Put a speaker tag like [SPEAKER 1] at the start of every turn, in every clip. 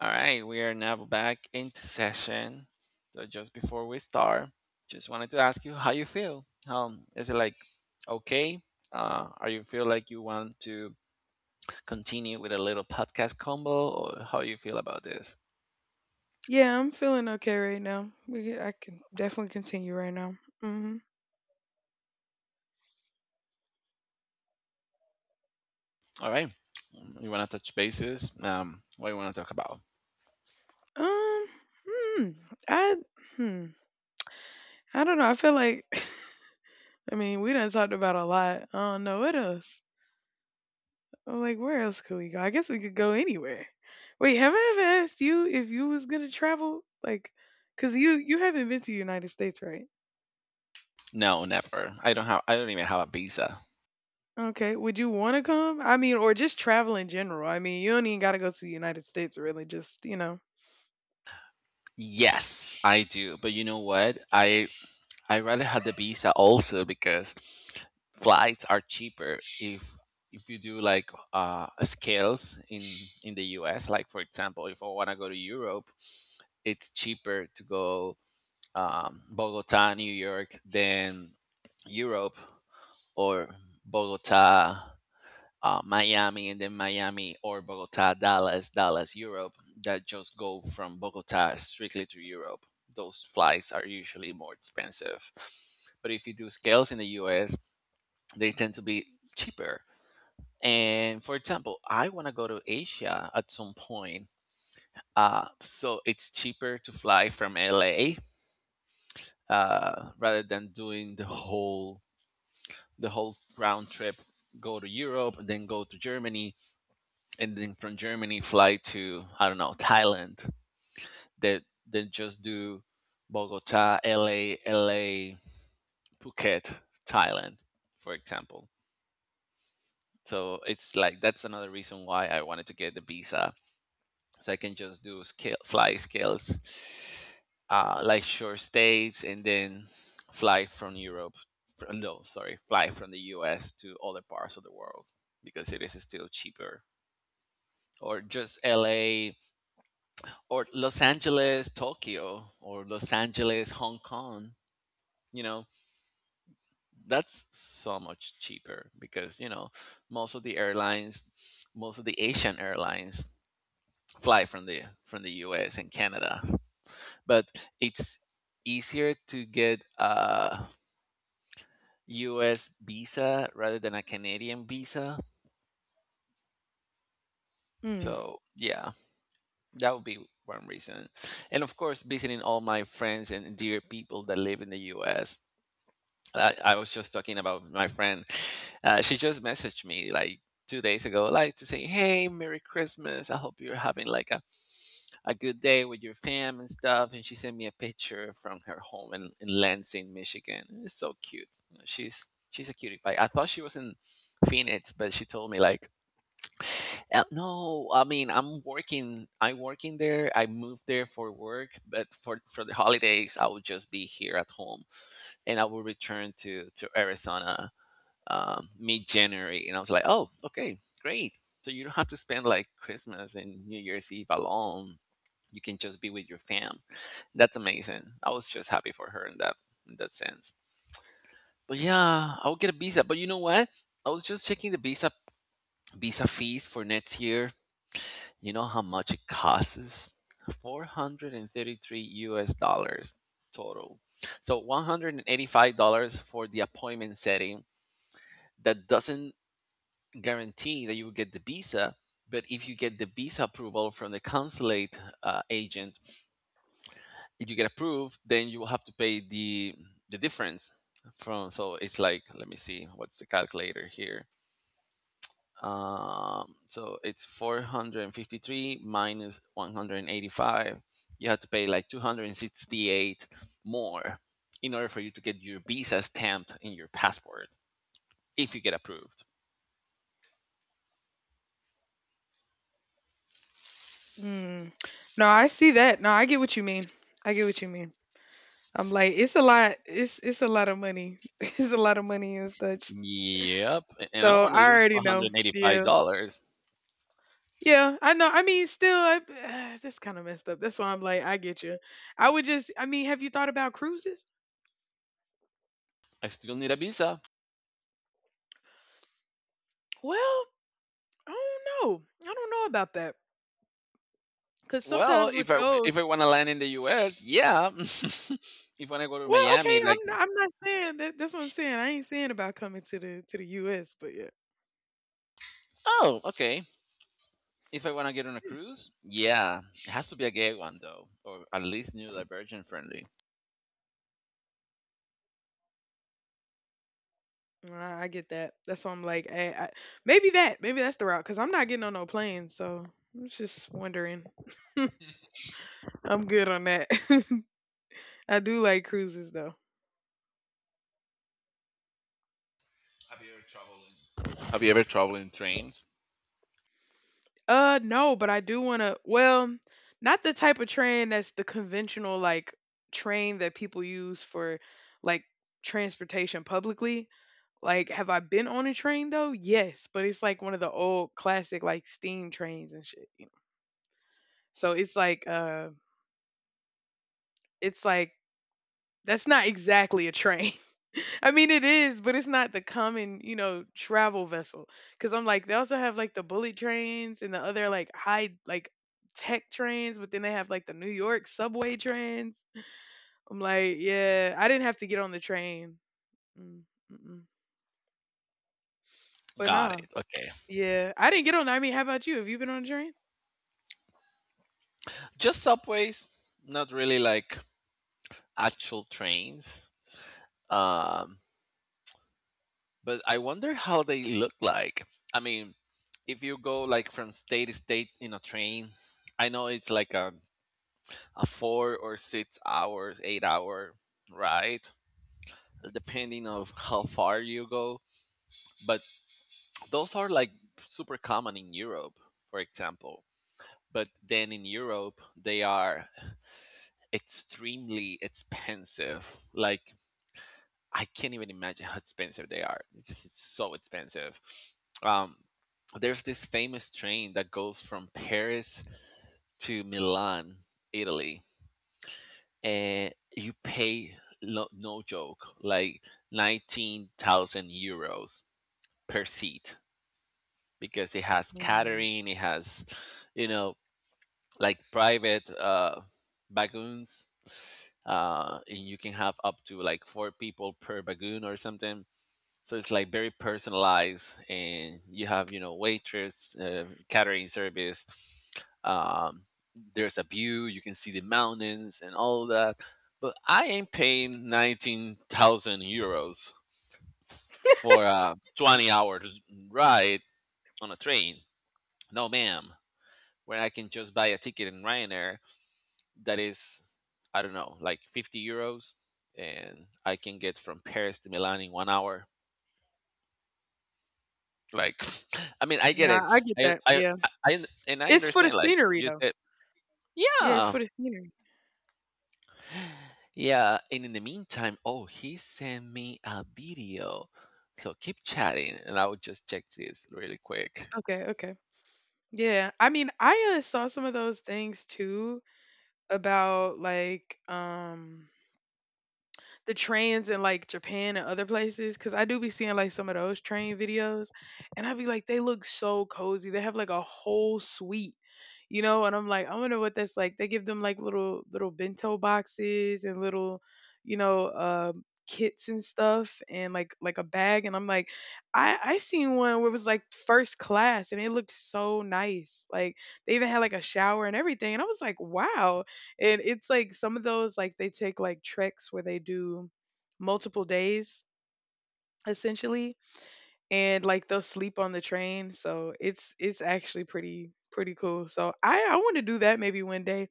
[SPEAKER 1] All right, we are now back into session. So just before we start, just wanted to ask you how you feel. Is it like okay? Are you feel like you want to continue with a little podcast combo, or how you feel about this?
[SPEAKER 2] Yeah, I'm feeling okay right now. I can definitely continue right now.
[SPEAKER 1] All right, you want to touch bases? What do you want to talk about?
[SPEAKER 2] Um, hmm, I hmm, I don't know. I feel like I mean we done talked about a lot. I don't know what else. I'm like, where else could we go? I guess we could go anywhere. Wait, have I ever asked you if you was gonna travel? Like, cause you haven't been to the United States, right?
[SPEAKER 1] No, never. I don't have. I don't even have a visa.
[SPEAKER 2] Okay, would you want to come? I mean, or just travel in general. I mean, you don't even gotta go to the United States, really. Just.
[SPEAKER 1] Yes, I do. But you know what? I rather have the visa also because flights are cheaper if you do like scales in the US, like for example, if I want to go to Europe, it's cheaper to go Bogota New York than Europe, or Bogota Miami and then Miami, or Bogota Dallas Dallas Europe, that just go from Bogota strictly to Europe. Those flights are usually more expensive, but if you do scales in the US, they tend to be cheaper. And for example, I want to go to Asia at some point. So it's cheaper to fly from LA, rather than doing the whole round trip. Go to Europe, then go to Germany, and then from Germany fly to, I don't know, Thailand. That then just do Bogota, LA, LA, Phuket, Thailand, for example. So it's like, that's another reason why I wanted to get the visa, so I can just do scale fly scales, like short stays, and then fly from Europe. No, sorry, fly from the U.S. to other parts of the world because it is still cheaper. Or just L.A., or Los Angeles, Tokyo, or Los Angeles, Hong Kong. You know, that's so much cheaper, because you know, most of the airlines, most of the Asian airlines fly from the U.S. and Canada, but it's easier to get a US visa rather than a Canadian visa.
[SPEAKER 2] Hmm.
[SPEAKER 1] So, yeah, that would be one reason. And of course, visiting all my friends and dear people that live in the US. I was just talking about my friend. She just messaged me like 2 days ago, like to say, "Hey, Merry Christmas. I hope you're having like a good day with your fam and stuff." And she sent me a picture from her home in Lansing, Michigan. It's so cute. You know, she's a cutie pie. I thought she was in Phoenix, but she told me like, No, I mean, I'm working. I'm working there. I moved there for work, but for the holidays, I will just be here at home, and I will return to Arizona mid January." And I was like, "Oh, okay, great." So you don't have to spend like Christmas and New Year's Eve alone. You can just be with your fam. That's amazing. I was just happy for her in that sense. But yeah, I'll get a visa. But you know what? I was just checking the visa fees for next year. You know how much it costs? 433 US dollars total. So $185 for the appointment setting. That doesn't guarantee that you will get the visa, but if you get the visa approval from the consulate agent, if you get approved, then you will have to pay the difference from. So it's like, let me see, what's the calculator here? So it's 453 minus 185. You have to pay like 268 more in order for you to get your visa stamped in your passport if you get approved.
[SPEAKER 2] Mm. No, I see that. No, I get what you mean. I get what you mean. I'm like, it's a lot. It's a lot of money. It's a lot of money and such.
[SPEAKER 1] Yep, and I don't
[SPEAKER 2] So
[SPEAKER 1] want to
[SPEAKER 2] I
[SPEAKER 1] lose
[SPEAKER 2] already know.
[SPEAKER 1] 185
[SPEAKER 2] Yeah,
[SPEAKER 1] dollars.
[SPEAKER 2] yeah. I know. I mean, still, that's kind of messed up. That's why I'm like, I get you. I would just. I mean, have you thought about cruises?
[SPEAKER 1] I still need a visa.
[SPEAKER 2] Well, I don't know. I don't know about that. Cause
[SPEAKER 1] Well,
[SPEAKER 2] sometimes with
[SPEAKER 1] if I
[SPEAKER 2] those,
[SPEAKER 1] if I want to land in the U.S., yeah. If I want to go to
[SPEAKER 2] well, okay.
[SPEAKER 1] Miami, like,
[SPEAKER 2] I'm not. I'm not saying that. That's what I'm saying. I ain't saying about coming to the U.S. But yeah.
[SPEAKER 1] oh, okay. If I want to get on a cruise, yeah, it has to be a gay one, though, or at least new divergent friendly.
[SPEAKER 2] I get that. That's why I'm like, maybe that's the route. Cause I'm not getting on no plane, so I was just wondering. I'm good on that. I do like cruises though.
[SPEAKER 1] Have you ever traveled? Have you ever traveled in trains?
[SPEAKER 2] No, but I do want to. Well, not the type of train that's the conventional like train that people use for like transportation publicly. Like, have I been on a train though? Yes, but it's like one of the old classic like steam trains and shit. You know? So it's like that's not exactly a train. I mean, it is, but it's not the common, travel vessel. Because I'm like, they also have like the bullet trains and the other like high, like tech trains, but then they have like the New York subway trains. I'm like, yeah, I didn't have to get on the train. Mm, mm-mm. But
[SPEAKER 1] Got
[SPEAKER 2] nah,
[SPEAKER 1] it. Okay,
[SPEAKER 2] yeah, I didn't get on. I mean, how about you? Have you been on a train?
[SPEAKER 1] just subways, not really like actual trains. Um, but I wonder how they look like. I mean, if you go like from state to state in a train, I know it's like a 4 or 6 hours, 8 hour ride, depending of how far you go. But those are like super common in Europe, for example. But then in Europe, they are extremely expensive. Like, I can't even imagine how expensive they are because it's so expensive. Um, there's this famous train that goes from Paris to Milan, Italy, and you pay no joke like 19,000 euros per seat, because it has
[SPEAKER 2] Mm.
[SPEAKER 1] catering, it has, you know, like private bagoons, and you can have up to like four people per bagoon or something, so it's like very personalized, and you have, you know, waitress, catering service. Um, there's a view; you can see the mountains and all that. But I ain't paying 19,000 euros for a 20-hour ride on a train. No, ma'am. When I can just buy a ticket in Ryanair that is, I don't know, like 50 euros, and I can get from Paris to Milan in 1 hour. Like, I mean, I get
[SPEAKER 2] Nah,
[SPEAKER 1] it.
[SPEAKER 2] I get
[SPEAKER 1] I,
[SPEAKER 2] that.
[SPEAKER 1] I,
[SPEAKER 2] Yeah.
[SPEAKER 1] and I
[SPEAKER 2] It's for the
[SPEAKER 1] understand. Like
[SPEAKER 2] scenery
[SPEAKER 1] you
[SPEAKER 2] though.
[SPEAKER 1] said,
[SPEAKER 2] Yeah, it's
[SPEAKER 1] yeah,
[SPEAKER 2] for the scenery.
[SPEAKER 1] yeah. And in the meantime, oh, he sent me a video. So keep chatting, and I will just check this really quick.
[SPEAKER 2] Okay, okay. Yeah. I mean, I saw some of those things too about like the trends in like Japan and other places, because I do be seeing like some of those train videos. And I be like, they look so cozy. They have like a whole suite, you know. And I'm like, I wonder what that's like. They give them like little bento boxes and little, you know uh kits and stuff, and like a bag. And I'm like, I seen one where it was like first class, and it looked so nice, like they even had like a shower and everything. And I was like, wow. And it's like some of those, like they take like treks where they do multiple days essentially, and like they'll sleep on the train. So it's actually pretty cool. So I want to do that maybe one day,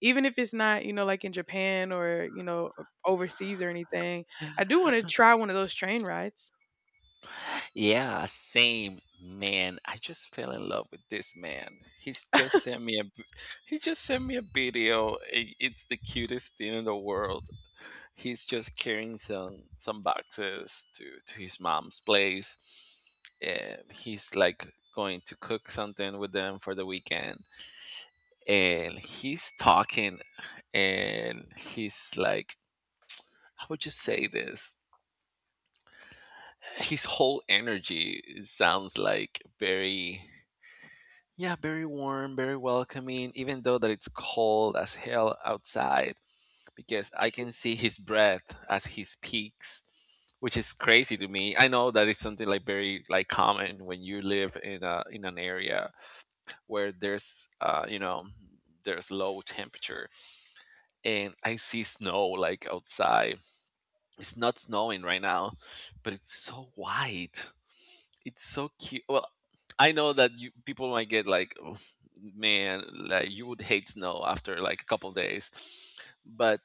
[SPEAKER 2] even if it's not like in Japan or overseas or anything. I do want to try one of those train rides.
[SPEAKER 1] Yeah, same, man. I just fell in love with this man. He's just sent me a, he just sent me a video. It's the cutest thing in the world. He's just carrying some boxes to his mom's place. He's like going to cook something with them for the weekend, and he's talking, and he's like, how would you say this? His whole energy sounds like very. Yeah, very warm, very welcoming, even though that it's cold as hell outside, because I can see his breath as he speaks, which is crazy to me. I know that is something like very like common when you live in a in an area where there's you know, there's low temperature, and I see snow like outside. It's not snowing right now, but it's so white. It's so cute. Well, I know that you people might get like, "Oh, man, like you would hate snow after like a couple days," but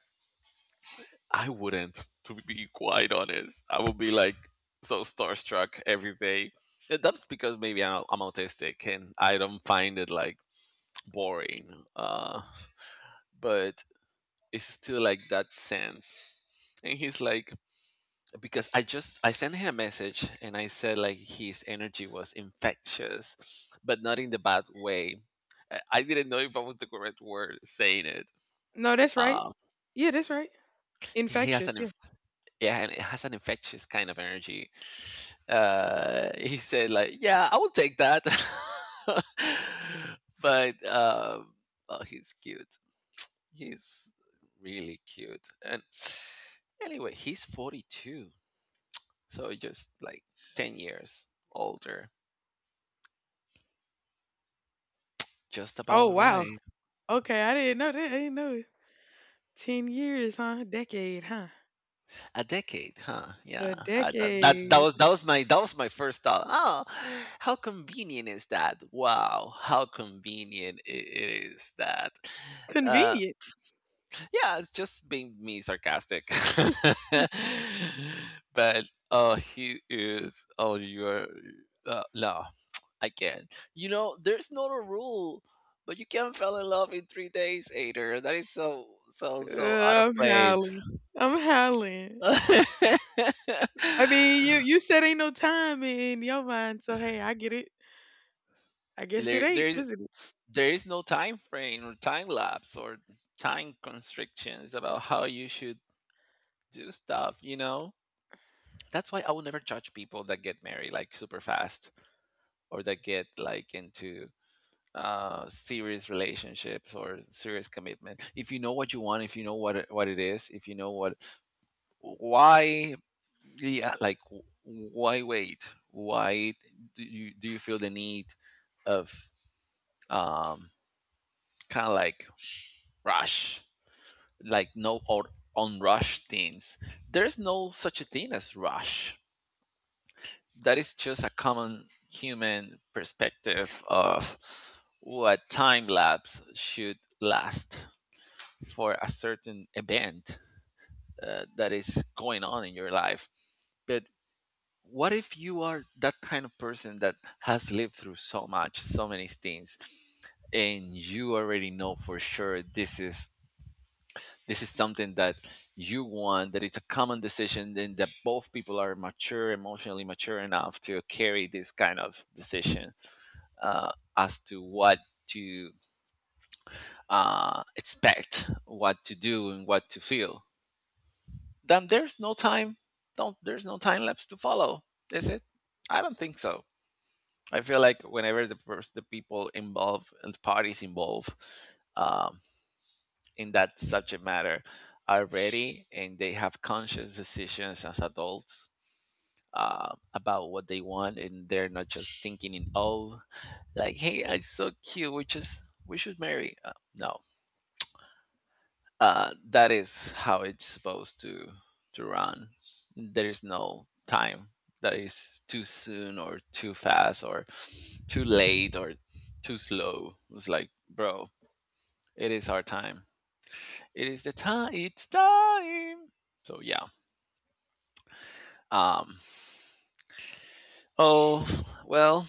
[SPEAKER 1] I wouldn't, to be quite honest. I would be like so starstruck every day. That's because maybe I'm autistic and I don't find it like boring. But it's still like that sense. And he's like, because I sent him a message and I said like his energy was infectious, but not in the bad way. I didn't know if I was the correct word saying it.
[SPEAKER 2] No, that's right.
[SPEAKER 1] Uh,
[SPEAKER 2] Yeah, that's right.
[SPEAKER 1] he has an
[SPEAKER 2] Infectious. Yeah.
[SPEAKER 1] Yeah, and it has an infectious kind of energy. He said, like, yeah, I will take that. but Oh, he's cute. He's really cute. And anyway, he's 42, so just like 10 years older, just
[SPEAKER 2] Oh,
[SPEAKER 1] about
[SPEAKER 2] wow.
[SPEAKER 1] right.
[SPEAKER 2] Okay, I didn't know that. I didn't know it. 10 years, huh? Decade, huh?
[SPEAKER 1] A decade, huh? Yeah,
[SPEAKER 2] A
[SPEAKER 1] I, that, that
[SPEAKER 2] decade.
[SPEAKER 1] that was my first thought. Oh, how convenient is that? Wow, how convenient it is that. Uh,
[SPEAKER 2] Convenient.
[SPEAKER 1] yeah, it's just being me sarcastic. But oh, he is. Oh, you are. No, I can't. You know, there's not a rule, but you can fall in love in 3 days, Ader. That is so so so out of
[SPEAKER 2] I'm
[SPEAKER 1] place.
[SPEAKER 2] howling. I'm howling. I mean, you you said ain't no time in your mind, so hey, I get it. I guess it
[SPEAKER 1] there
[SPEAKER 2] ain't. Listen,
[SPEAKER 1] there is no time frame or time lapse or time constrictions about how you should do stuff, you know. That's why I will never judge people that get married like super fast, or that get like into serious relationships or serious commitment. If you know what you want, if you know what it is, if you know what, why, yeah, like why wait, why do you feel the need of um kind of like rush, like no, or unrushed things. There's no such a thing as rush. That is just a common human perspective of what time lapse should last for a certain event, that is going on in your life. But what if you are that kind of person that has lived through so much, so many things, and you already know for sure this is, this is something that you want, that it's a common decision, and that both people are mature, emotionally mature enough to carry this kind of decision, as to what to expect, what to do, and what to feel. Then there's no time. Don't There's no time lapse to follow, is it? I don't think so. I feel like whenever the people involved and the parties involved um, in that subject matter are ready and they have conscious decisions as adults about what they want and they're not just thinking in oh, like, hey, I'm so cute, we just we should marry no. That is how it's supposed to run. There is no time that is too soon or too fast or too late or too slow. It's like, bro, it is our time, it is the time, it's time. So yeah. Um, oh, well,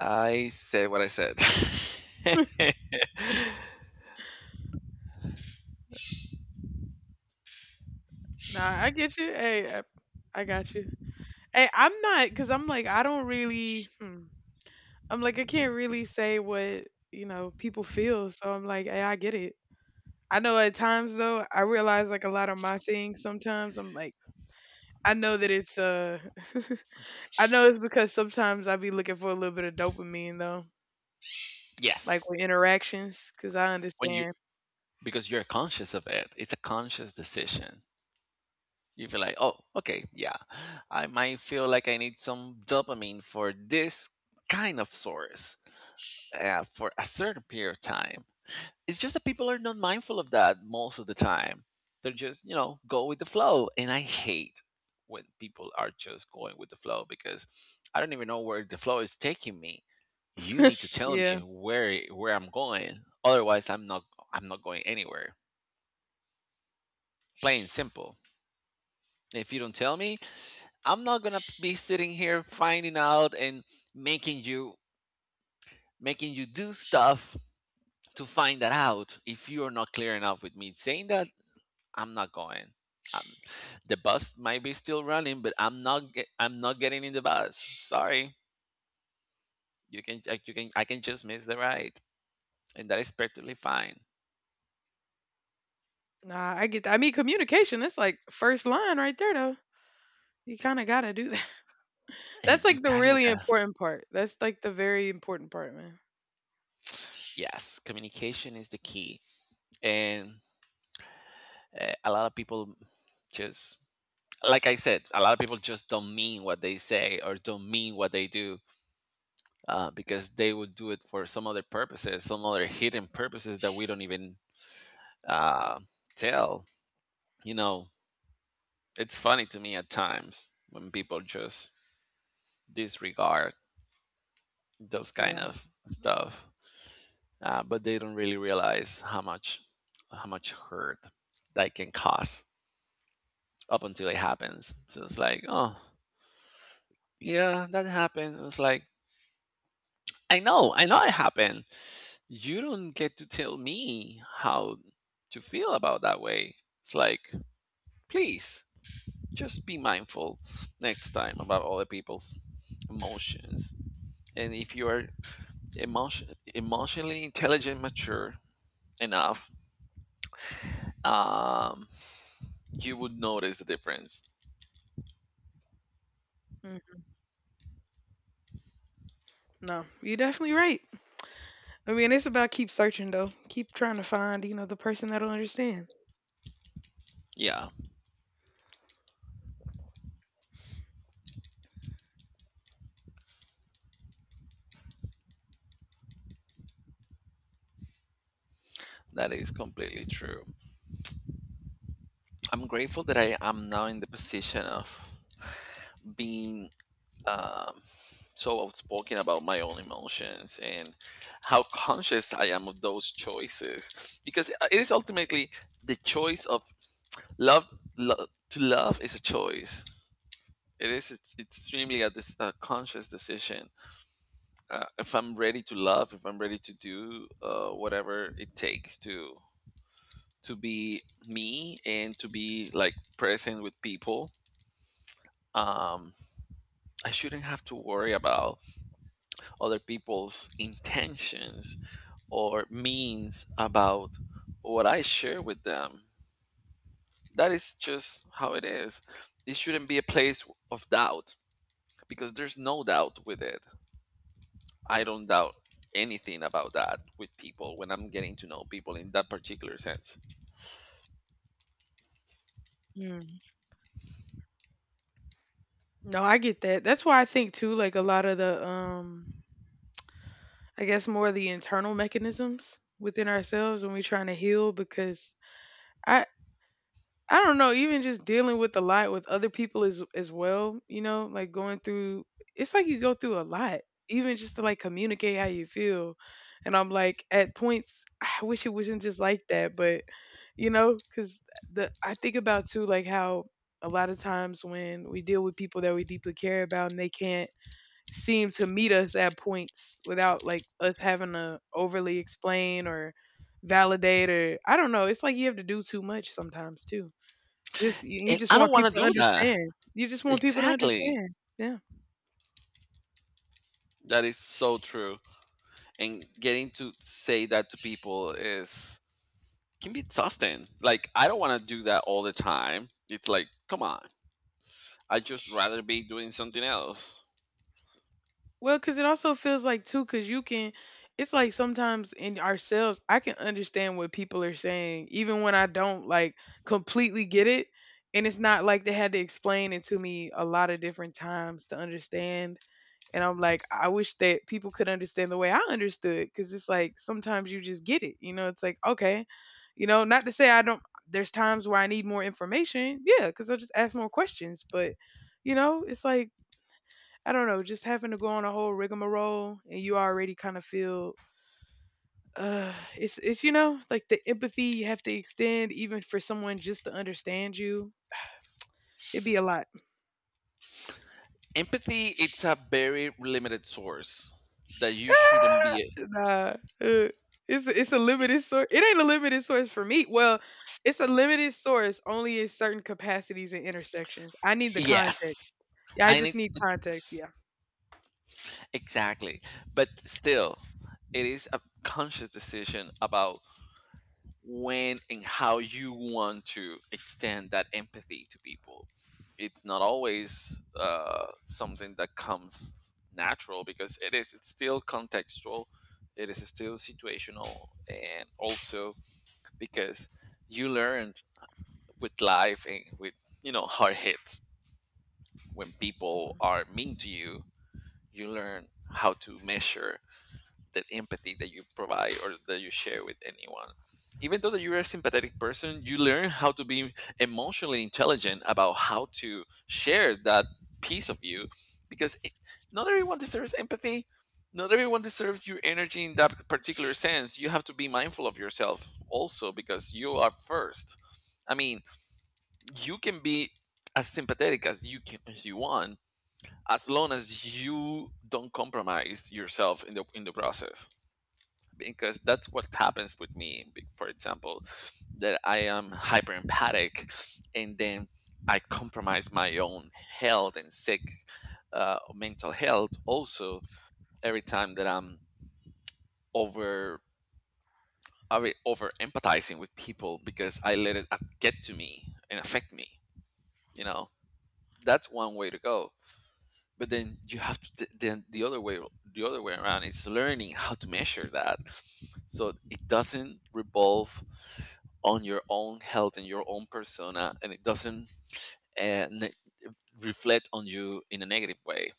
[SPEAKER 1] I said what I said.
[SPEAKER 2] nah, I get you. Hey, I got you. Hey, I'm not because I'm like I don't really. I'm like I can't really say what people feel, so I'm like, hey, I get it. I know at times though, I realize like a lot of my things. Sometimes I'm like, I know that it's I know it's because sometimes I be looking for a little bit of dopamine though. Like,
[SPEAKER 1] Yes.
[SPEAKER 2] with interactions, cause I
[SPEAKER 1] When you
[SPEAKER 2] understand.
[SPEAKER 1] because you're conscious of it. It's a conscious decision. You feel like, "Oh, okay, yeah. I might feel like I need some dopamine for this kind of source for a certain period of time." It's just that people are not mindful of that most of the time. They're just, you know, go with the flow. And I hate when people are just going with the flow, because I don't even know where the flow is taking me. You need to tell
[SPEAKER 2] Yeah.
[SPEAKER 1] me where I'm going. Otherwise, I'm not going anywhere. Plain and simple. If you don't tell me, I'm not going to be sitting here finding out and making you making you do stuff to find that out. If you are not clear enough with me, saying that I'm not going. Um, the bus might be still running, but I'm not. Get, I'm not getting in the bus. Sorry, you can. You can. I can just miss the ride, and that is perfectly fine.
[SPEAKER 2] Nah, I get that. I mean, communication, that's, like, first line right there, though. You kinda gotta do that.
[SPEAKER 1] Eh,
[SPEAKER 2] That's,
[SPEAKER 1] you
[SPEAKER 2] like, the
[SPEAKER 1] kind of
[SPEAKER 2] really
[SPEAKER 1] gotta.
[SPEAKER 2] important part. That's, like, the very important part, man.
[SPEAKER 1] Yes, communication is the key, and a lot of people just, like I said, a lot of people just don't mean what they say or don't mean what they do, because they would do it for some other purposes, some other hidden purposes that we don't even uh, tell. You know, it's funny to me at times when people just disregard those kind
[SPEAKER 2] Yeah.
[SPEAKER 1] of stuff, but they don't really realize how much hurt that can cause up until it happens. So it's like, oh yeah, that happened. It's like, I know it happened. You don't get to tell me how to feel about that way. It's like, please, just be mindful next time about other people's emotions. And if you are emotion, emotionally intelligent, mature enough, um, you would notice the difference.
[SPEAKER 2] Mm. No, you're definitely right. I mean, it's about keep searching, though. Keep trying to find, the person that'll understand.
[SPEAKER 1] Yeah, that is completely true. I'm grateful that I am now in the position of being um, so outspoken about my own emotions and how conscious I am of those choices, because it is ultimately the choice of love. To love is a choice. It is. It's extremely a conscious decision. If I'm ready to love, if I'm ready to do whatever it takes to be me and to be like present with people, um, I shouldn't have to worry about other people's intentions or means about what I share with them. That is just how it is. It shouldn't be a place of doubt, because there's no doubt with it. I don't doubt anything about that with people when I'm getting to know people in that particular sense.
[SPEAKER 2] Mm. No, I get that. That's why I think too, like, a lot of I guess more the internal mechanisms within ourselves when we're trying to heal, because I I don't know, even just dealing with a lot with other people as well, you know, like going through it's like you go through a lot, even just to like communicate how you feel. And I'm like, at points I wish it wasn't just like that, but cuz the I think about too, like, how a lot of times when we deal with people that we deeply care about, and they can't seem to meet us at points without like us having to overly explain or validate or I don't know. It's like you have to do too much sometimes too. Just you
[SPEAKER 1] And
[SPEAKER 2] just
[SPEAKER 1] I don't
[SPEAKER 2] want
[SPEAKER 1] want to
[SPEAKER 2] people to
[SPEAKER 1] do that.
[SPEAKER 2] understand. You just want people to
[SPEAKER 1] Exactly.
[SPEAKER 2] understand. Yeah.
[SPEAKER 1] That is so true. And getting to say that to people is can be exhausting. Like, I don't want to do that all the time. It's like, come on. I just rather be doing something else.
[SPEAKER 2] Well, because it also feels like too, because you can. It's like sometimes in ourselves, I can understand what people are saying, even when I don't like completely get it. And it's not like they had to explain it to me a lot of different times to understand. And I'm like, I wish that people could understand the way I understood, because it's like sometimes you just get it. You know, it's like, okay, not to say I don't, there's times where I need more information. Yeah, because I'll just ask more questions. But, it's like, I don't know, just having to go on a whole rigmarole and you already kind of feel. It's like the empathy you have to extend even for someone just to understand you. It'd be a lot.
[SPEAKER 1] Empathy, it's a very limited source that you shouldn't
[SPEAKER 2] Ah,
[SPEAKER 1] be
[SPEAKER 2] nah, uh, it's a limited source. It ain't a limited source for me. Well, it's a limited source only in certain capacities and intersections. I need the context.
[SPEAKER 1] yes.
[SPEAKER 2] Yeah, I
[SPEAKER 1] I
[SPEAKER 2] just
[SPEAKER 1] need
[SPEAKER 2] need context. Yeah.
[SPEAKER 1] exactly. But still, it is a conscious decision about when and how you want to extend that empathy to people. It's not always something that comes natural, because it is it's still contextual, it is still situational, and also because you learned with life and with, you know, hard hits when people
[SPEAKER 2] Mhm.
[SPEAKER 1] are mean to you, you learn how to measure the empathy that you provide or that you share with anyone. Even though that you're a sympathetic person, you learn how to be emotionally intelligent about how to share that piece of you because it, not everyone deserves empathy. Not everyone deserves your energy in that particular sense. You have to be mindful of yourself also because you are first. I mean, you can be as sympathetic as you can as you want, as long as you don't compromise yourself in the process, because that's what happens with me for example, that I am hyper empathic, and then I compromise my own health and sick mental health also every time that I'm over over empathizing with people, because I let it get to me and affect me, you know. That's one way to go. But then you have to then the other way, the other way around is learning how to measure that, so it doesn't revolve on your own health and your own persona, and it doesn't uh, ne- reflect on you in a negative way.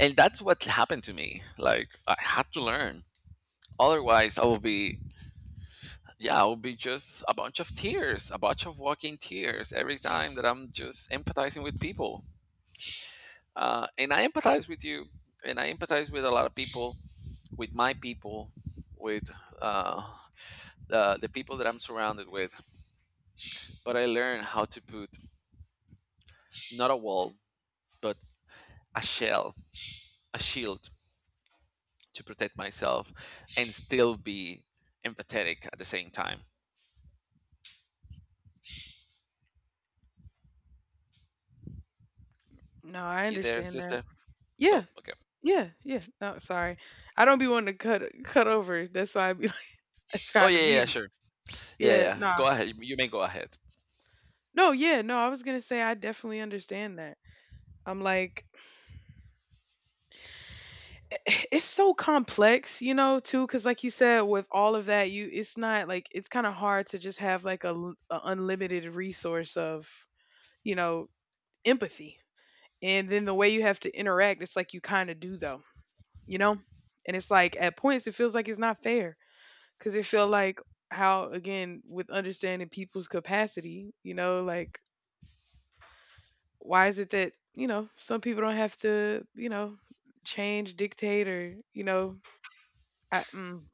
[SPEAKER 1] And that's what happened to me. Like, I had to learn, otherwise I will be yeah, I will be just a bunch of tears, a bunch of walking tears every time that I'm just empathizing with people. And I empathize with you, and I empathize with a lot of people, with my people, with uh, the people that I'm surrounded with. But I learned how to put not a wall, but a shell, a shield, to protect myself and still be empathetic at the same time.
[SPEAKER 2] No, I
[SPEAKER 1] You there,
[SPEAKER 2] understand that.
[SPEAKER 1] sister? Oh,
[SPEAKER 2] Yeah,
[SPEAKER 1] okay.
[SPEAKER 2] yeah, yeah. No, sorry, I don't be wanting to cut over. That's why I be like, I
[SPEAKER 1] Oh,
[SPEAKER 2] tried to
[SPEAKER 1] yeah, yeah,
[SPEAKER 2] mute it.
[SPEAKER 1] sure. Yeah,
[SPEAKER 2] Yeah,
[SPEAKER 1] yeah.
[SPEAKER 2] nah,
[SPEAKER 1] Go ahead. You may go ahead.
[SPEAKER 2] no, yeah, no. I was gonna say I definitely understand that. I'm like, it's so complex, too, because like you said, with all of that, you it's not like, it's kind of hard to just have like a unlimited resource of you know empathy, and then the way you have to interact, it's like you kind of do though, you know, and it's like at points it feels like it's not fair, because it feel like, how again with understanding people's capacity, like why is it that some people don't have to change, dictate, or I mm,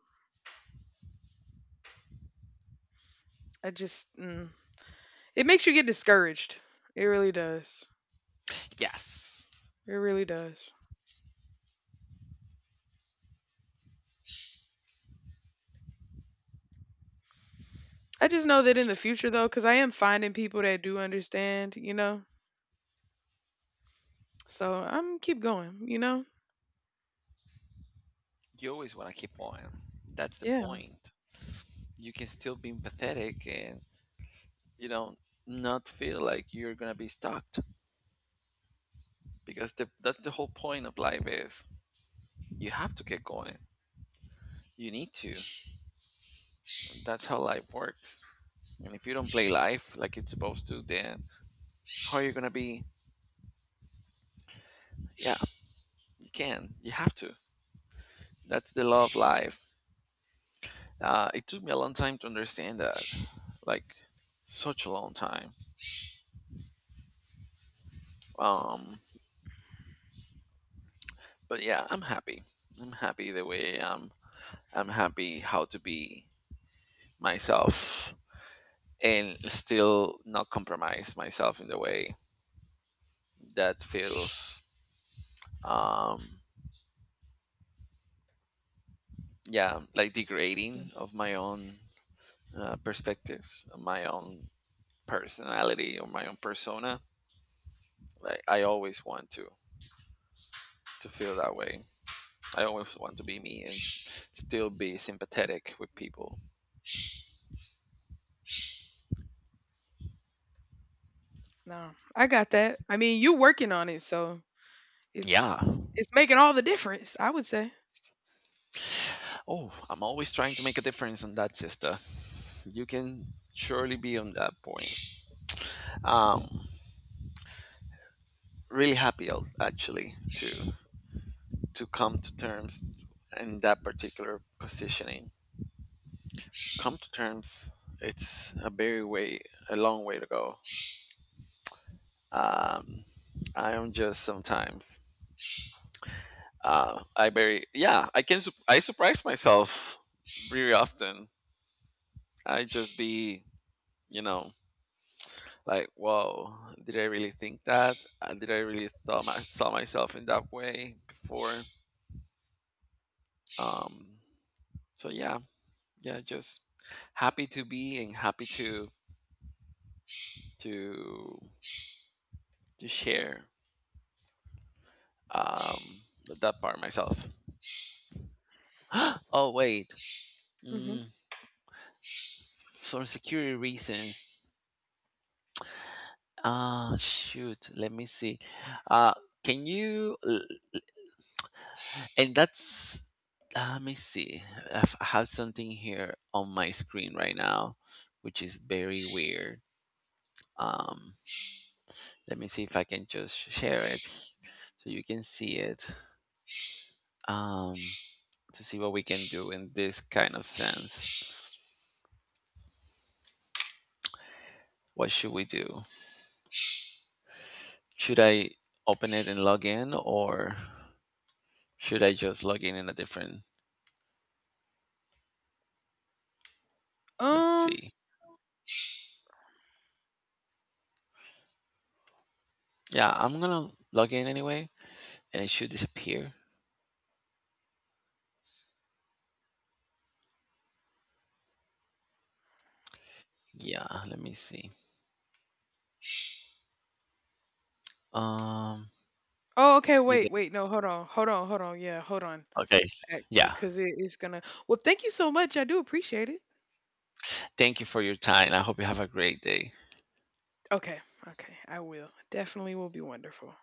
[SPEAKER 2] I just. Mm. It makes you get discouraged. It really does.
[SPEAKER 1] Yes.
[SPEAKER 2] It really does. I just know that in the future though, because I am finding people that do understand, So I'm keep going.
[SPEAKER 1] You always want to keep on. That's the
[SPEAKER 2] Yeah.
[SPEAKER 1] point. You can still be empathetic and, you know, not feel like you're going to be stuck, because that's the whole point of life is you have to get going. You need to. That's how life works. And if you don't play life like it's supposed to, then how are you going to be yeah, you can. You have to. That's the law of life. It took me a long time to understand that, like, such a long time. Um, but yeah, I'm happy. I'm happy the way I'm. I'm happy how to be myself and still not compromise myself in the way that feels, um, yeah, like degrading of my own perspectives, of my own personality or my own persona. Like, I always want to feel that way. I always want to be me and still be sympathetic with people.
[SPEAKER 2] No, I got that. I mean, you working on it, so it's
[SPEAKER 1] Yeah.
[SPEAKER 2] it's making all the difference, I would say.
[SPEAKER 1] Oh, I'm always trying to make a difference on that, sister. You can surely be on that point. Um, Really happy actually to come to terms in that particular positioning. Come to terms. It's a very way, a long way to go. Um, I am just sometimes I very yeah I can I surprise myself very often. I just be, you know, like, whoa, did I really think that, did I really thought saw myself in that way before? Um, so yeah, yeah, just happy to be and happy to to share um, that part myself. Oh wait,
[SPEAKER 2] hmm
[SPEAKER 1] mm, for security reasons. Ah shoot, let me see. Uh, can you? And that's let me see, I've- have something here on my screen right now, which is very weird. um Let me see if I can just share it so you can see it. um to see what we can do in this kind of sense. What should we do? Should I open it and log in, or should I just log in a different let's
[SPEAKER 2] Um.
[SPEAKER 1] see. Yeah, I'm gonna log in anyway, and it should disappear. Yeah, let me see. um
[SPEAKER 2] Oh, okay.
[SPEAKER 1] you
[SPEAKER 2] Wait, wait. No, hold on. Hold on. Hold on. Yeah, hold on.
[SPEAKER 1] okay.
[SPEAKER 2] Actually,
[SPEAKER 1] Yeah.
[SPEAKER 2] because it is gonna. Well, thank you so much. I do appreciate it.
[SPEAKER 1] Thank you for your time. I hope you have a great day.
[SPEAKER 2] Okay. Okay. I will. Definitely will be wonderful.